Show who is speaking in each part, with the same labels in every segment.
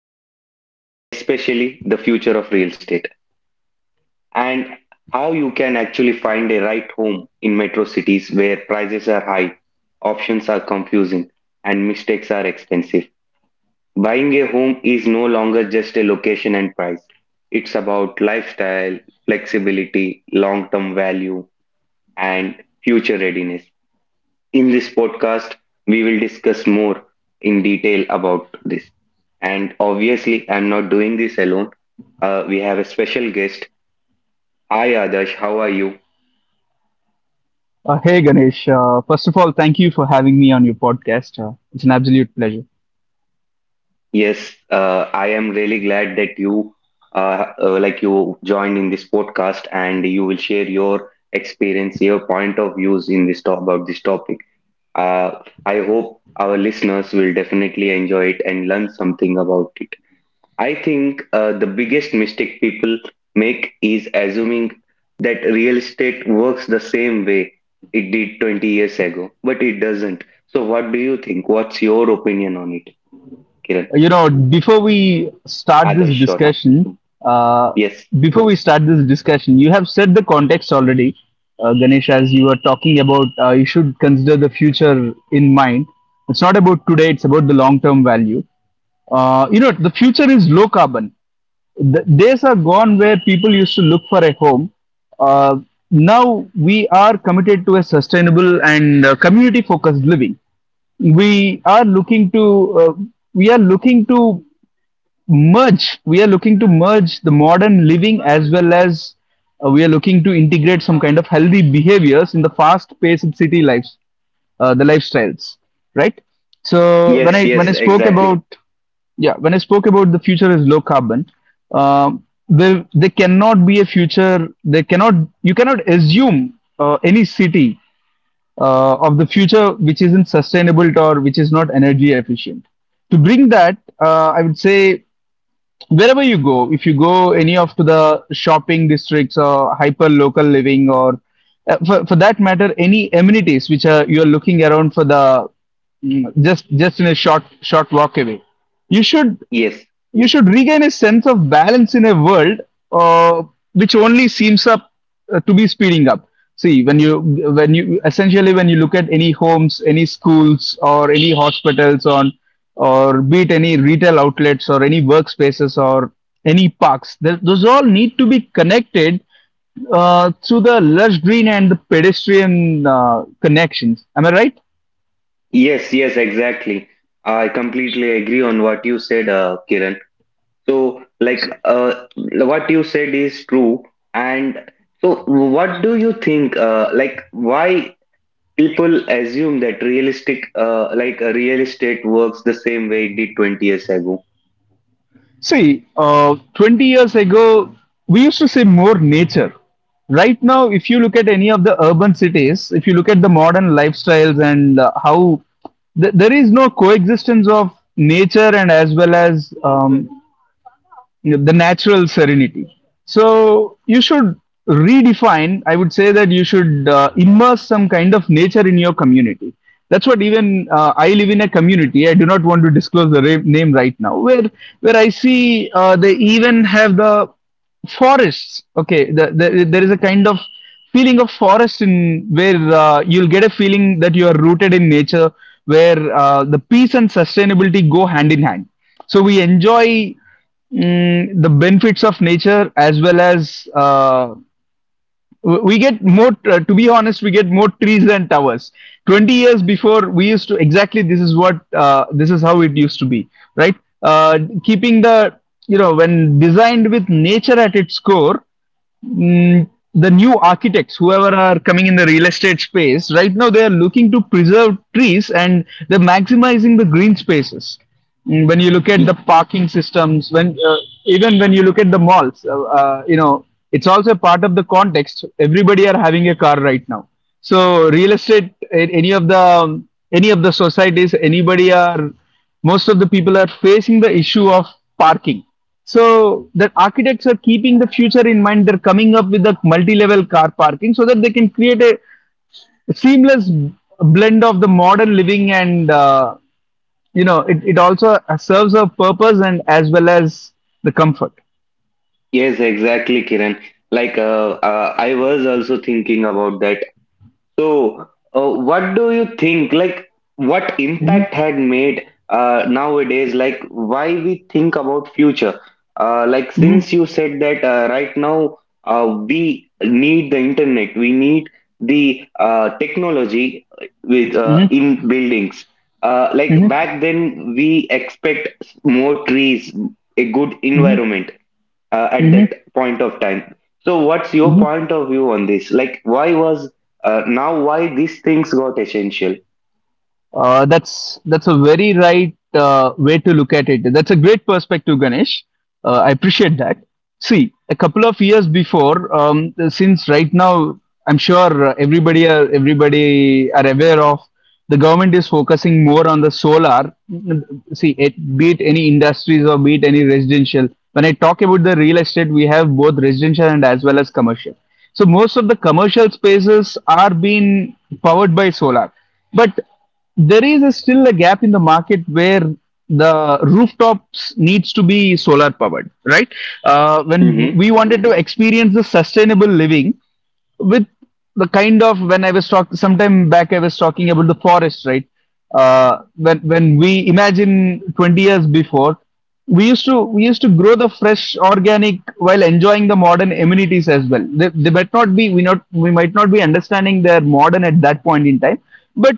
Speaker 1: understand, especially the future of real estate and how you can actually find a right home in metro cities where prices are high, options are confusing, and mistakes are expensive. Buying a home is no longer just a location and price. It's about lifestyle, flexibility, long term value, and future readiness. In this podcast, we will discuss more in detail about this. And obviously, I'm not doing this alone. We have a special guest. Hi, Adarsh. How are you?
Speaker 2: Hey Ganesh, first of all, thank you for having me on your podcast. It's an absolute pleasure.
Speaker 1: Yes, I am really glad that like you joined in this podcast and you will share your experience, your point of views in this talk about this topic. Uh, I hope our listeners will definitely enjoy it and learn something about it. I think the biggest mistake people make is assuming that real estate works the same way it did 20 years ago, but it doesn't. So, what do you think? What's your opinion on it, Kiran?
Speaker 2: You know, before we start this
Speaker 1: Adarsh, sorry.
Speaker 2: discussion, uh,
Speaker 1: Yes,
Speaker 2: Before we start this discussion, you have set the context already, Ganesh, as you were talking about you should consider the future in mind. It's not about today, it's about the long term value. The future is low carbon. The days are gone where people used to look for a home. Uh, Now we are committed to a sustainable and community focused living. We are looking to we are looking to merge We are looking to merge the modern living as well as we are looking to integrate some kind of healthy behaviors in the fast paced city lives, the lifestyles, right? So when
Speaker 1: yes,
Speaker 2: i when i
Speaker 1: yes,
Speaker 2: spoke
Speaker 1: exactly.
Speaker 2: about, yeah, when I spoke about the future is low carbon, um there cannot be a future, there cannot, you cannot assume any city of the future which isn't sustainable or which is not energy efficient. To bring that, I would say wherever you go, if you go any of to the shopping districts or hyper local living or for that matter any amenities which are you are looking around for the, just in a short walk away, you should,
Speaker 1: Yes,
Speaker 2: you should regain a sense of balance in a world uh, which only seems up to be speeding up. See, when you look at any homes, any schools or any hospitals, on or be it any retail outlets or any workspaces or any parks, those all need to be connected through the lush green and the pedestrian connections, am I right?
Speaker 1: yes, yes, exactly. I completely agree on what you said, Kiran. So,
Speaker 2: So,
Speaker 1: what you said is true. And so, what do you think? Why people assume that real estate works the same way it did 20 years ago?
Speaker 2: see, 20 years ago we used to say more nature. Right now, if you look at any of the urban cities, if you look at the modern lifestyles and how there is no coexistence of nature and as well as the natural serenity. So you should redefine. I would say that you should immerse some kind of nature in your community. That's what even, I live in a community. I do not want to disclose the name right now. Where I see they even have the forests. Okay, there is a kind of feeling of forest in, where you'll get a feeling that you are rooted in nature, where the peace and sustainability go hand in hand. So we enjoy, the benefits of nature as well as we get more, to be honest, we get more trees than towers. 20 years before we used to, exactly, this is what, this is how it used to be, right? Keeping the, you know, when designed with nature at its core, mm, the new architects, whoever are coming in the real estate space, right now they are looking to preserve trees and they're maximizing the green spaces. When you look at the
Speaker 1: Y-
Speaker 2: parking systems, when even when you look at the malls, you know, it's also part of the context. Everybody are having a car right now. So real estate, any of the societies, anybody are, most of the people are facing the issue of parking, so that architects are keeping the future in mind. They're coming up with a multi-level car parking so that they can create a seamless blend of the modern living and you know it, it also serves a purpose and as well as the comfort.
Speaker 1: Yes, exactly, Kiran. Like, I was also thinking about that. So, what do you think? Like, what impact
Speaker 2: Hmm.
Speaker 1: had made nowadays? Like, why we think about future? Since
Speaker 2: Hmm.
Speaker 1: you said that right now we need the internet, we need the technology with
Speaker 2: Hmm.
Speaker 1: in buildings. Uh,
Speaker 2: Hmm.
Speaker 1: like back then, we expect more trees, a good environment at
Speaker 2: Hmm.
Speaker 1: that point of time. So, what's your
Speaker 2: Hmm.
Speaker 1: point of view on this? Like, why was now why these things got essential?
Speaker 2: That's a very right way to look at it. That's a great perspective, Ganesh. I appreciate that. See, a couple of years before, since right now, I'm sure everybody are aware of, the government is focusing more on the solar. See, it, be it any industries or be it any residential. When I talk about the real estate, we have both residential and as well as commercial. So most of the commercial spaces are being powered by solar. But there is a still a gap in the market where the rooftops needs to be solar powered, right? When
Speaker 1: Mm-hmm.
Speaker 2: we wanted to experience the sustainable living with the kind of, when I was talking sometime back, I was talking about the forest, right? When we imagine 20 years before, we used to grow the fresh organic while enjoying the modern amenities as well. They might not be, we might not be understanding their modern at that point in time, but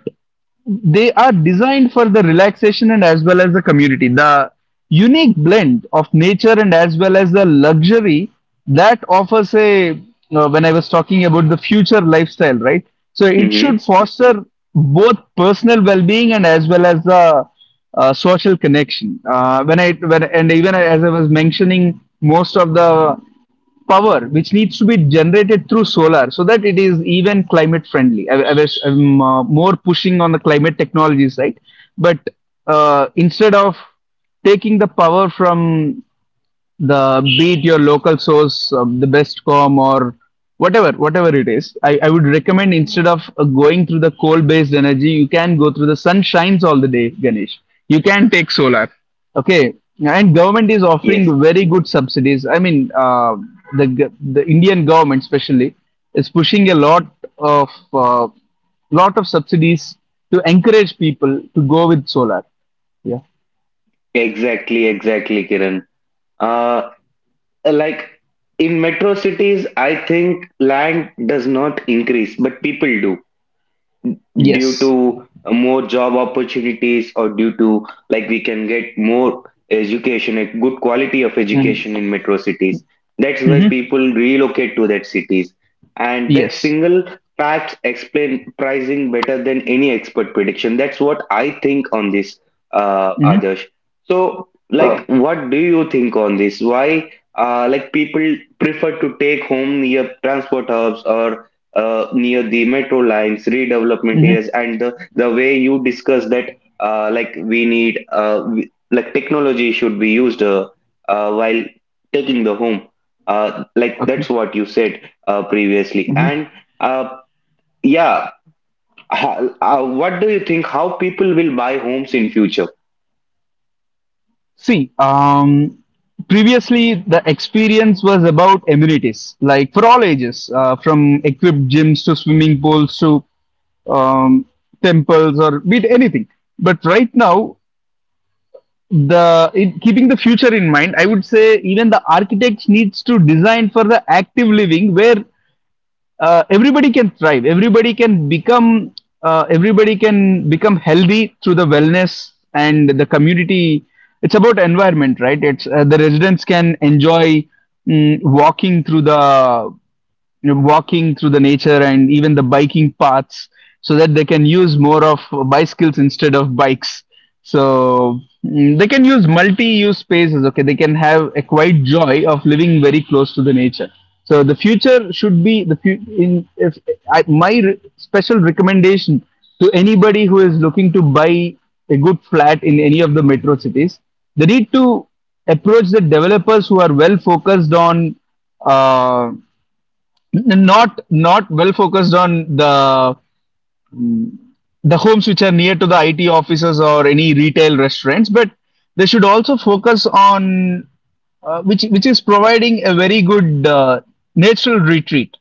Speaker 2: they are designed for the relaxation and as well as the community. The unique blend of nature and as well as the luxury that offers a, when I was talking about the future lifestyle, right? So it should
Speaker 1: Mm-hmm.
Speaker 2: foster both personal well-being and as well as the social connection. When I when and even as I was mentioning, most of the power which needs to be generated through solar so that it is even climate friendly. I'm, more pushing on the climate technology side, but instead of taking the power from the, be it your local source, the bestcom or whatever it is, I would recommend instead of going through the coal-based energy, you can go through the sun shines all the day, Ganesh. You can take solar, okay. And government is
Speaker 1: Yes,
Speaker 2: offering very good subsidies. I mean, the the Indian government especially is pushing a of uh, lot of subsidies to encourage people to go with solar. Yeah.
Speaker 1: exactly, exactly, Kiran. Uh, like in metro cities, I think land does not increase, but people do. Due
Speaker 2: Yes.
Speaker 1: to more job opportunities or due to like we can get more education, a good quality of education
Speaker 2: Hmm.
Speaker 1: in metro cities. That's why people relocate to that cities, and that
Speaker 2: Yes.
Speaker 1: single fact explain pricing better than any expert prediction. That's what I think on this,
Speaker 2: Mm-hmm.
Speaker 1: others. So
Speaker 2: Uh,
Speaker 1: like what do you think on this? Why uh like people prefer to take home near transport hubs or near the metro lines, redevelopment
Speaker 2: mm-hmm.
Speaker 1: areas, and the way you discuss that, like we need, like technology should be used while taking the home. Like
Speaker 2: Okay.
Speaker 1: that's what you said previously. And uh, yeah, what do you think? How people will buy homes in future?
Speaker 2: See, previously the experience was about amenities, like for all ages, from equipped gyms to swimming pools to um, temples or be it anything. But right now, keeping the future in mind, I would say even the architects needs to design for the active living where everybody can thrive, everybody can become healthy through the wellness and the community. It's about environment, right? It's the residents can enjoy, walking through the, you know, walking through the nature and even the biking paths, so that they can use more of bicycles instead of bikes. So, they can use multi-use spaces, okay, they can have a quiet joy of living very close to the nature. So the future should be the fu- in if I, special recommendation to anybody who is looking to buy a good flat in any of the metro cities, they need to approach the developers who are well focused on uh, not well focused on the homes which are near to the IT offices or any retail restaurants, but they should also focus on which is providing a very good natural retreat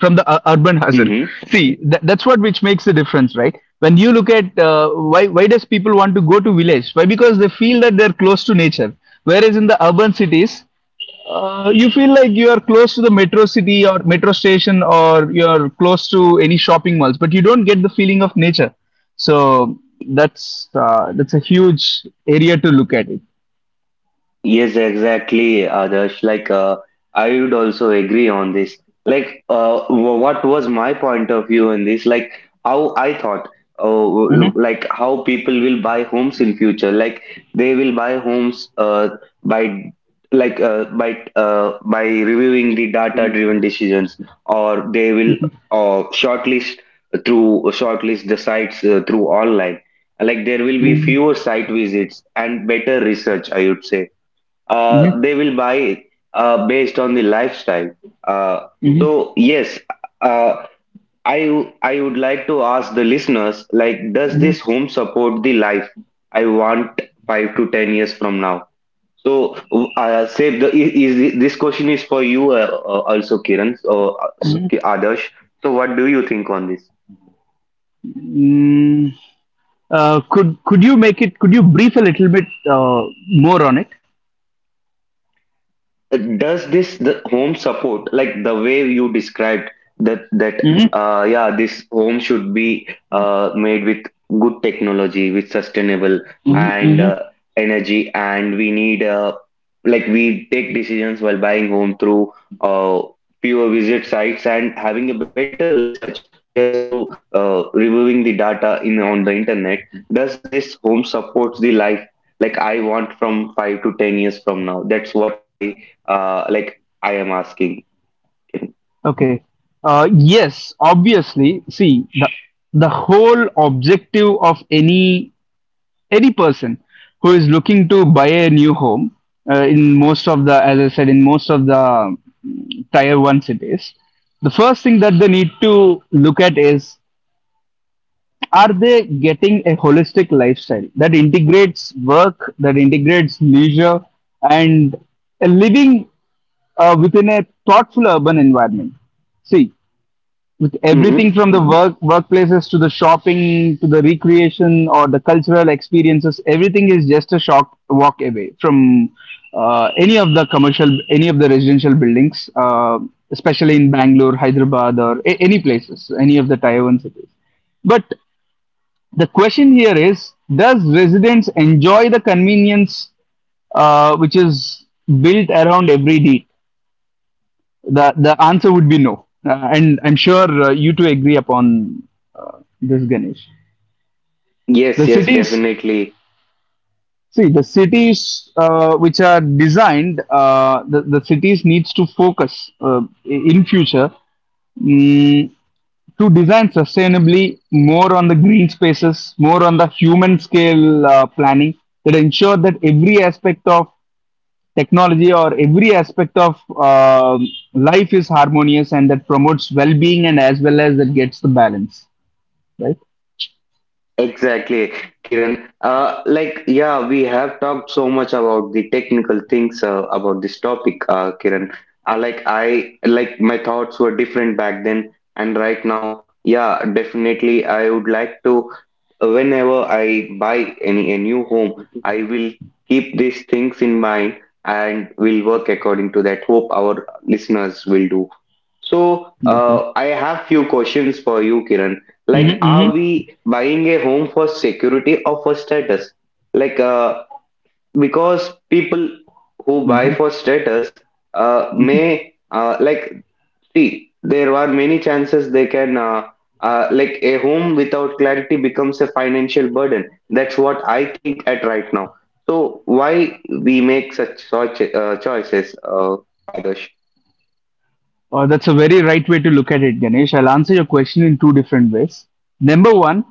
Speaker 2: from the urban hustle.
Speaker 1: Mm-hmm.
Speaker 2: See, that's what which makes the difference, right? When you look at why does people want to go to village? Why? Because they feel that they're close to nature. Whereas in the urban cities, you feel like you are close to the metro city or metro station or you're close to any shopping malls, but you don't get the feeling of nature. So that's a huge area to look at it.
Speaker 1: Yes, exactly, Adarsh. Like, I would also agree on this. Like, what was my point of view in this? Like, how I thought, oh, look,
Speaker 2: Hmm.
Speaker 1: like how people will buy homes in future. Like, they will buy homes by by reviewing the data-driven decisions, or they will uh, shortlist shortlist the sites through online. Like, there will be
Speaker 2: Hmm.
Speaker 1: fewer site visits and better research, I would say they will buy based on the lifestyle. Uh, so yes, uh, I I would like to ask the listeners, like, does this home support the life I want 5 to 10 years from now? So say the is this question is for you also, Kiran or so, Adarsh. So what do you think on this?
Speaker 2: Mm, could you make it, could you brief a little bit more on it.
Speaker 1: Does this the home support like the way you described that that
Speaker 2: Hmm.
Speaker 1: uh yeah this home should be made with good technology, with sustainable
Speaker 2: Hmm.
Speaker 1: and
Speaker 2: Hmm.
Speaker 1: energy, and we need like we take decisions while buying home through uh fewer visit sites and having a better research, just through reviewing the data in on the internet. Does this home supports the life like I want from 5 to 10 years from now. That's what I I am asking.
Speaker 2: Okay. Yes, obviously, see, the whole objective of any any person who is looking to buy a new home in most of the, as I said, in most of the tier 1 cities, the first thing that they need to look at is, are they getting a holistic lifestyle that integrates work, that integrates leisure, and a living within a thoughtful urban environment. See, with everything
Speaker 1: Mm-hmm.
Speaker 2: from the workplaces to the shopping to the recreation or the cultural experiences, everything is just a short walk away from any of the commercial, any of the residential buildings, especially in Bangalore, Hyderabad or any places, any of the tier 1 cities. But the question here is, does residents enjoy the convenience which is built around every deed? The answer would be no, and I'm sure you two agree upon this, Ganesh. The
Speaker 1: Yes, yes,
Speaker 2: cities,
Speaker 1: definitely.
Speaker 2: see, the cities which are designed, the cities needs to focus in future, mm, to design sustainably, more on the green spaces, more on the human scale planning that ensure that every aspect of technology or every aspect of life is harmonious and that promotes well-being and as well as that gets the balance right.
Speaker 1: Exactly, Kiran. Yeah, we have talked so much about the technical things about this topic, Kiran. Like, I like my thoughts were different back then, and right now, yeah, definitely, I would like to. Whenever I buy any a new home, I will keep these things in mind and will work according to that. Hope our listeners will do. So
Speaker 2: Okay.
Speaker 1: I have few questions for you, Kiran. Like,
Speaker 2: Hmm.
Speaker 1: are we buying a home for security or for status? Like, because people who buy for status may like see there are many chances they can a home without clarity becomes a financial burden. That's what I think at right now. So why we make such choices, Adarsh?
Speaker 2: That's a very right way to look at it, Ganesh. I'll answer your question in two different ways. Number one,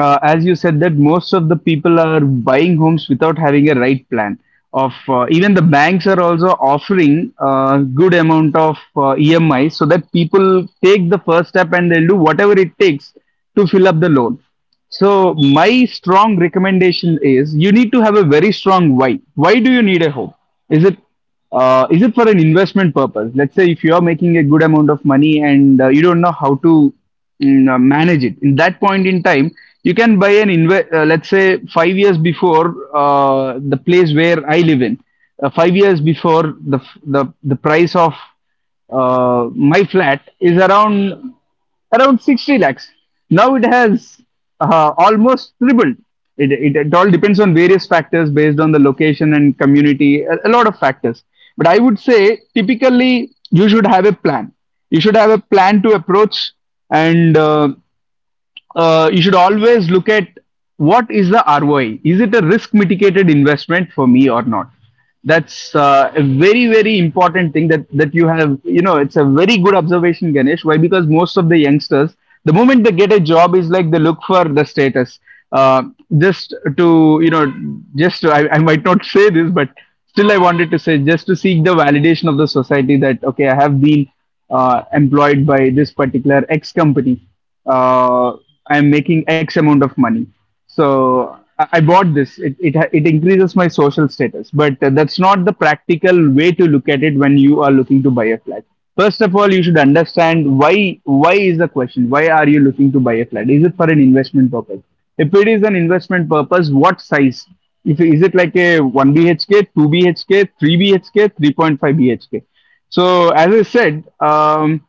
Speaker 2: as you said, that most of the people are buying homes without having a right plan. Of even the banks are also offering a good amount of EMI so that people take the first step and they'll do whatever it takes to fill up the loan. So my strong recommendation is you need to have a very strong why. Why do you need a home? Is it is it for an investment purpose? Let's say if you are making a good amount of money and you don't know how to manage it. In that point in time, you can let's say 5 years before, the place where I live in, 5 years before the f- the price of my flat is around 60 lakhs. Now it has almost tripled. It all depends on various factors based on the location and community, a lot of factors. But I would say typically you should have a plan. You should have a plan to approach, and you should always look at, what is the ROI? Is it a risk mitigated investment for me or not? That's a very important thing that you have. You know, it's a very good observation, Ganesh. Why? Because most of the youngsters, the moment they get a job, is like they look for the status. Uh, just to, you know, just to, I might not say this, but still I wanted to say, just to seek the validation of the society that, okay, I have been employed by this particular X company. Uh, I'm making X amount of money. So I bought this. It it increases my social status, but that's not the practical way to look at it when you are looking to buy a flat. First of all, you should understand why. Why is the question? Why are you looking to buy a flat? Is it for an investment purpose? If it is an investment purpose, what size? If is it like a one BHK, two BHK, three BHK, 3.5 BHK? So as I said, um,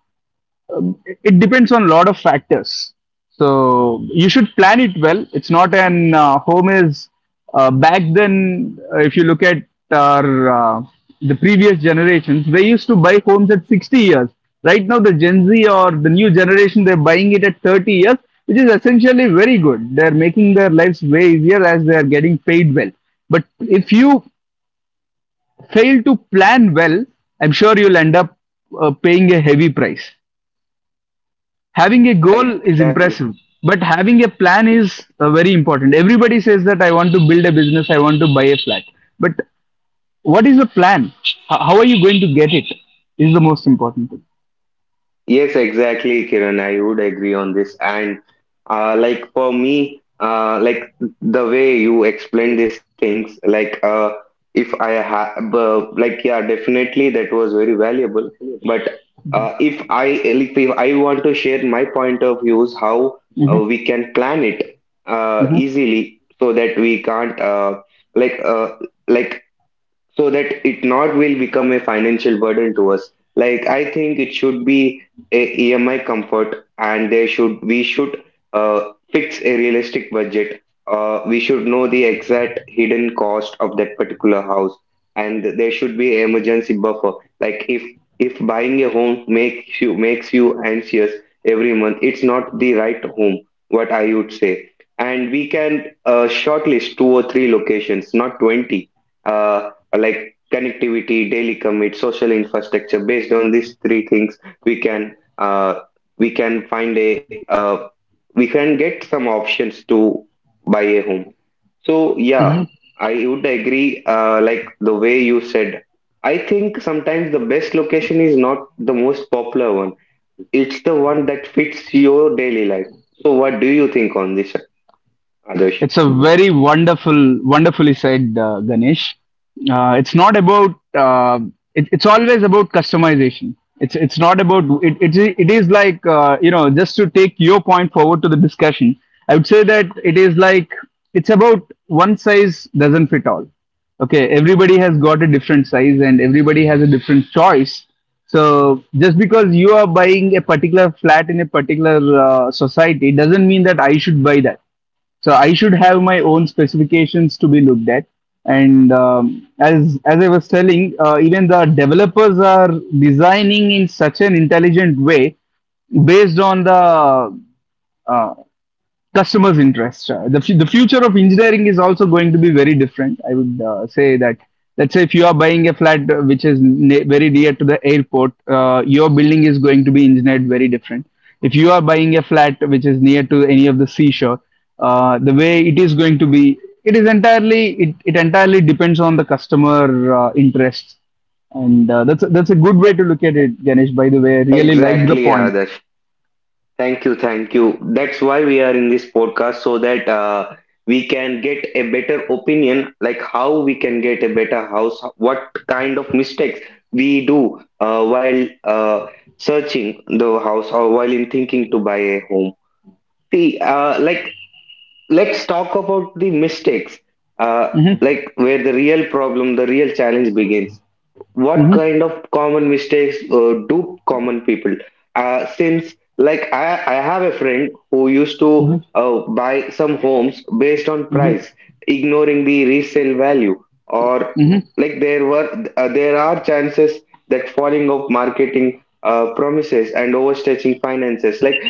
Speaker 2: um, it depends on a lot of factors. So you should plan it well. It's not an home is back then. If you look at our the previous generations, they used to buy homes at 60 years. Right now, the Gen Z or the new generation, they're buying it at 30 years, which is essentially very good. They're making their lives way easier as they are getting paid well. But if you fail to plan well, I'm sure you'll end up paying a heavy price. Having a goal is
Speaker 1: Exactly.
Speaker 2: impressive, but having a plan is very important. Everybody says that I want to build a business, I want to buy a flat. But what is the plan? How are you going to get it, is the most important thing.
Speaker 1: Yes, exactly, Kiran. I would agree on this. And for me, the way you explain these things, like if I have, yeah, definitely that was very valuable. But if I want to share my point of views, how we can plan it
Speaker 2: Mhm.
Speaker 1: easily so that we can't like uh, like so that it not will become a financial burden to us. Like I think it should be a EMI comfort, and there should we should uh, fix a realistic budget. We should know the exact hidden cost of that particular house, and there should be an emergency buffer. Like, if buying a home makes you anxious every month, it's not the right home, what I would say. And we can shortlist two or three locations, not 20. Uh, like connectivity, daily commit, social infrastructure. Based on these three things, we can uh, we can find a we can get some options to buy a home. So yeah, I would agree. Like the way you said, I think sometimes the best location is not the most popular one. It's the one that fits your daily life. So what do you think on this, Adarsh?
Speaker 2: It's a very wonderful, wonderfully said, Ganesh. Uh, it's not about. Uh, it's always about customization. It's not about it. It, I- It is like, you know, just to take your point forward to the discussion, I would say that it is like, it's about one size doesn't fit all. Okay, everybody has got a different size and everybody has a different choice. So just because you are buying a particular flat in a particular society doesn't mean that I should buy that. So I should have my own specifications to be looked at. And as I was telling, even the developers are designing in such an intelligent way based on the uh, customers' interest. The future of engineering is also going to be very different. I would say that, let's say, if you are buying a flat very near to the airport, your building is going to be engineered very different. If you are buying a flat which is near to any of the seashore, the way it is going to be, it entirely depends on the customer interests, and that's a good way to look at it, Ganesh. By the way, I really liked the
Speaker 1: Exactly,
Speaker 2: point.
Speaker 1: Adarsh. Thank you, thank you. That's why we are in this podcast so that we can get a better opinion, like how we can get a better house, what kind of mistakes we do while searching the house or while in thinking to buy a home. See, let's talk about the mistakes,
Speaker 2: Hmm.
Speaker 1: where the real problem, the real challenge begins. What
Speaker 2: Hmm.
Speaker 1: kind of common mistakes do common people since like I have a friend who used to buy some homes based on
Speaker 2: Hmm.
Speaker 1: price, ignoring the resale value, or
Speaker 2: Hmm.
Speaker 1: like there were there are chances that falling of marketing promises and overstretching finances. like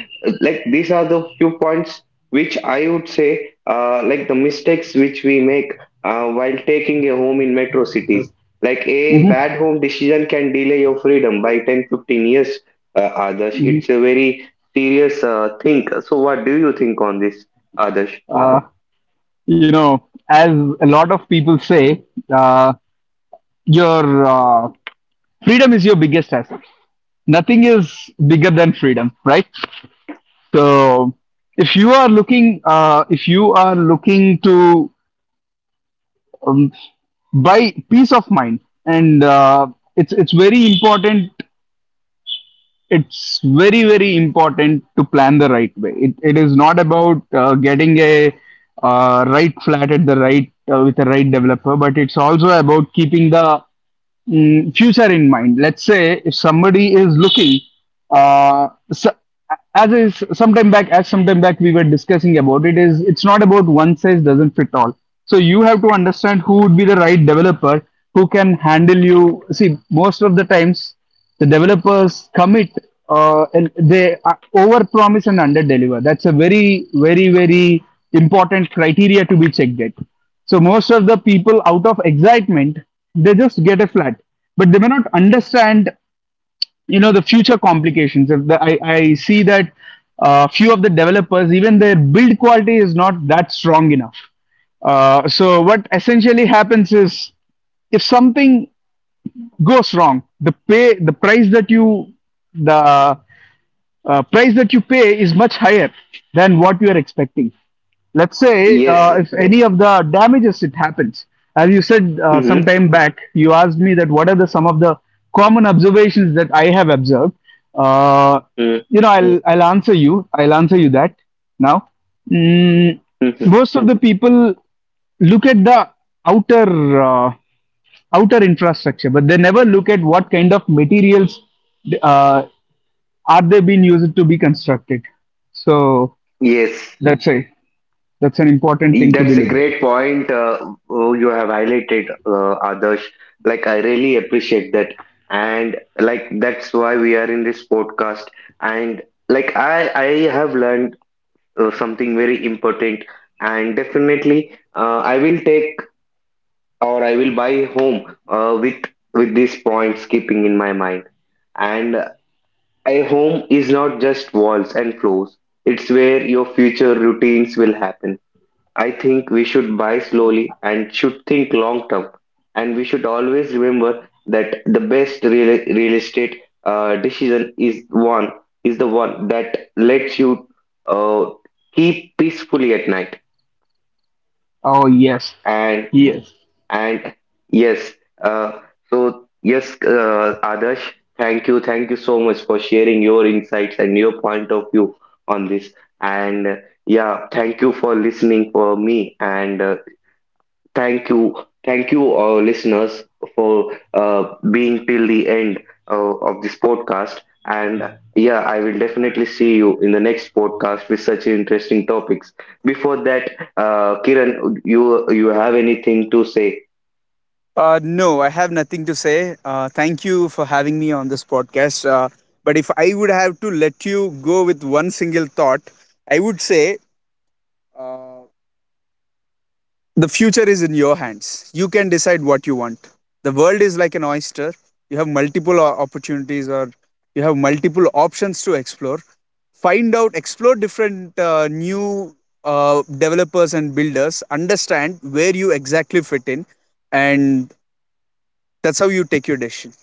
Speaker 1: like these are the few points which I would say like the mistakes which we make while taking a home in metro cities. Like a
Speaker 2: Hmm.
Speaker 1: bad home decision can delay your freedom by 10 15 years, Adarsh. It's a very serious thing. So, what do you think on this, Adarsh?
Speaker 2: Uh, you know, as a lot of people say, uh, your uh, freedom is your biggest asset. Nothing is bigger than freedom, right? So, if you are looking to um, buy peace of mind, and it's very important, it's very very important to plan the right way. It is not about getting a right flat at the right, with the right developer, but it's also about keeping the future in mind. Let's say if somebody is looking, so as is sometime back as sometime back, we were discussing about it. Is it's not about, one size doesn't fit all. So you have to understand who would be the right developer who can handle. You see, most of the times the developers commit, and they over promise and under deliver. That's a very important criteria to be checked at. So most of the people, out of excitement, they just get a flat, but they may not understand, you know, the future complications. If the, I, I see that few of the developers, even their build quality is not that strong enough. So what essentially happens is, if something goes wrong, the pay the price that you the price that you pay is much higher than what you are expecting. Let's say
Speaker 1: Yes.
Speaker 2: if any of the damages it happens, as you said some
Speaker 1: Mm-hmm.
Speaker 2: time back, you asked me that, what are the some of the common observations that I have observed. Uh, you know, I'll answer you. I'll answer you that now. Mm,
Speaker 1: Mm-hmm.
Speaker 2: Most of the people look at the outer uh, outer infrastructure, but they never look at what kind of materials uh, are they being used to be constructed? So
Speaker 1: Yes,
Speaker 2: that's a, that's an important thing to be
Speaker 1: that's a
Speaker 2: looked at.
Speaker 1: great point oh, you have highlighted, Adarsh. Like, I really appreciate that. And like, that's why we are in this podcast. And like, I have learned something very important. And definitely, I will buy home with with these points keeping in my mind. And a home is not just walls and floors; it's where your future routines will happen. I think we should buy slowly and should think long term, and we should always remember that the best real estate decision is the one that lets you uh, keep peacefully at night.
Speaker 2: Oh yes,
Speaker 1: And
Speaker 2: yes.
Speaker 1: And yes, uh, so yes, Adarsh, thank you so much for sharing your insights and your point of view on this. And yeah, thank you for listening for me, and thank you, thank you, listeners, for being till the end of this podcast. And yeah, I will definitely see you in the next podcast with such interesting topics. Before that, Kiran, you have anything to say?
Speaker 2: No, I have nothing to say. Thank you for having me on this podcast. But if I would have to let you go with one single thought, I would say, uh, the future is in your hands. You can decide what you want. The world is like an oyster. You have multiple opportunities, or you have multiple options to explore. Find out, explore different new developers and builders, understand where you exactly fit in, and that's how you take your decision.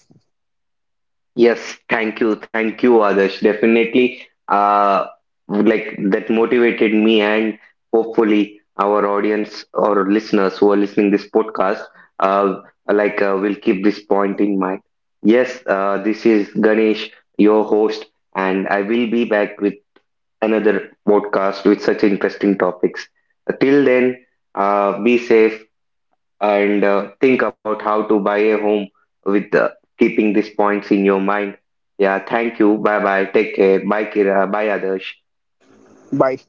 Speaker 1: Yes, thank you, Adarsh. Definitely, that motivated me, and hopefully our audience or listeners who are listening this podcast, uh, will keep this point in mind. Yes, this is Ganesh, your host, and I will be back with another podcast with such interesting topics. Till then, be safe, and think about how to buy a home with keeping these points in your mind. Yeah, thank you. Bye bye. Take care. Bye, Kira. Bye, Adarsh.
Speaker 2: Bye.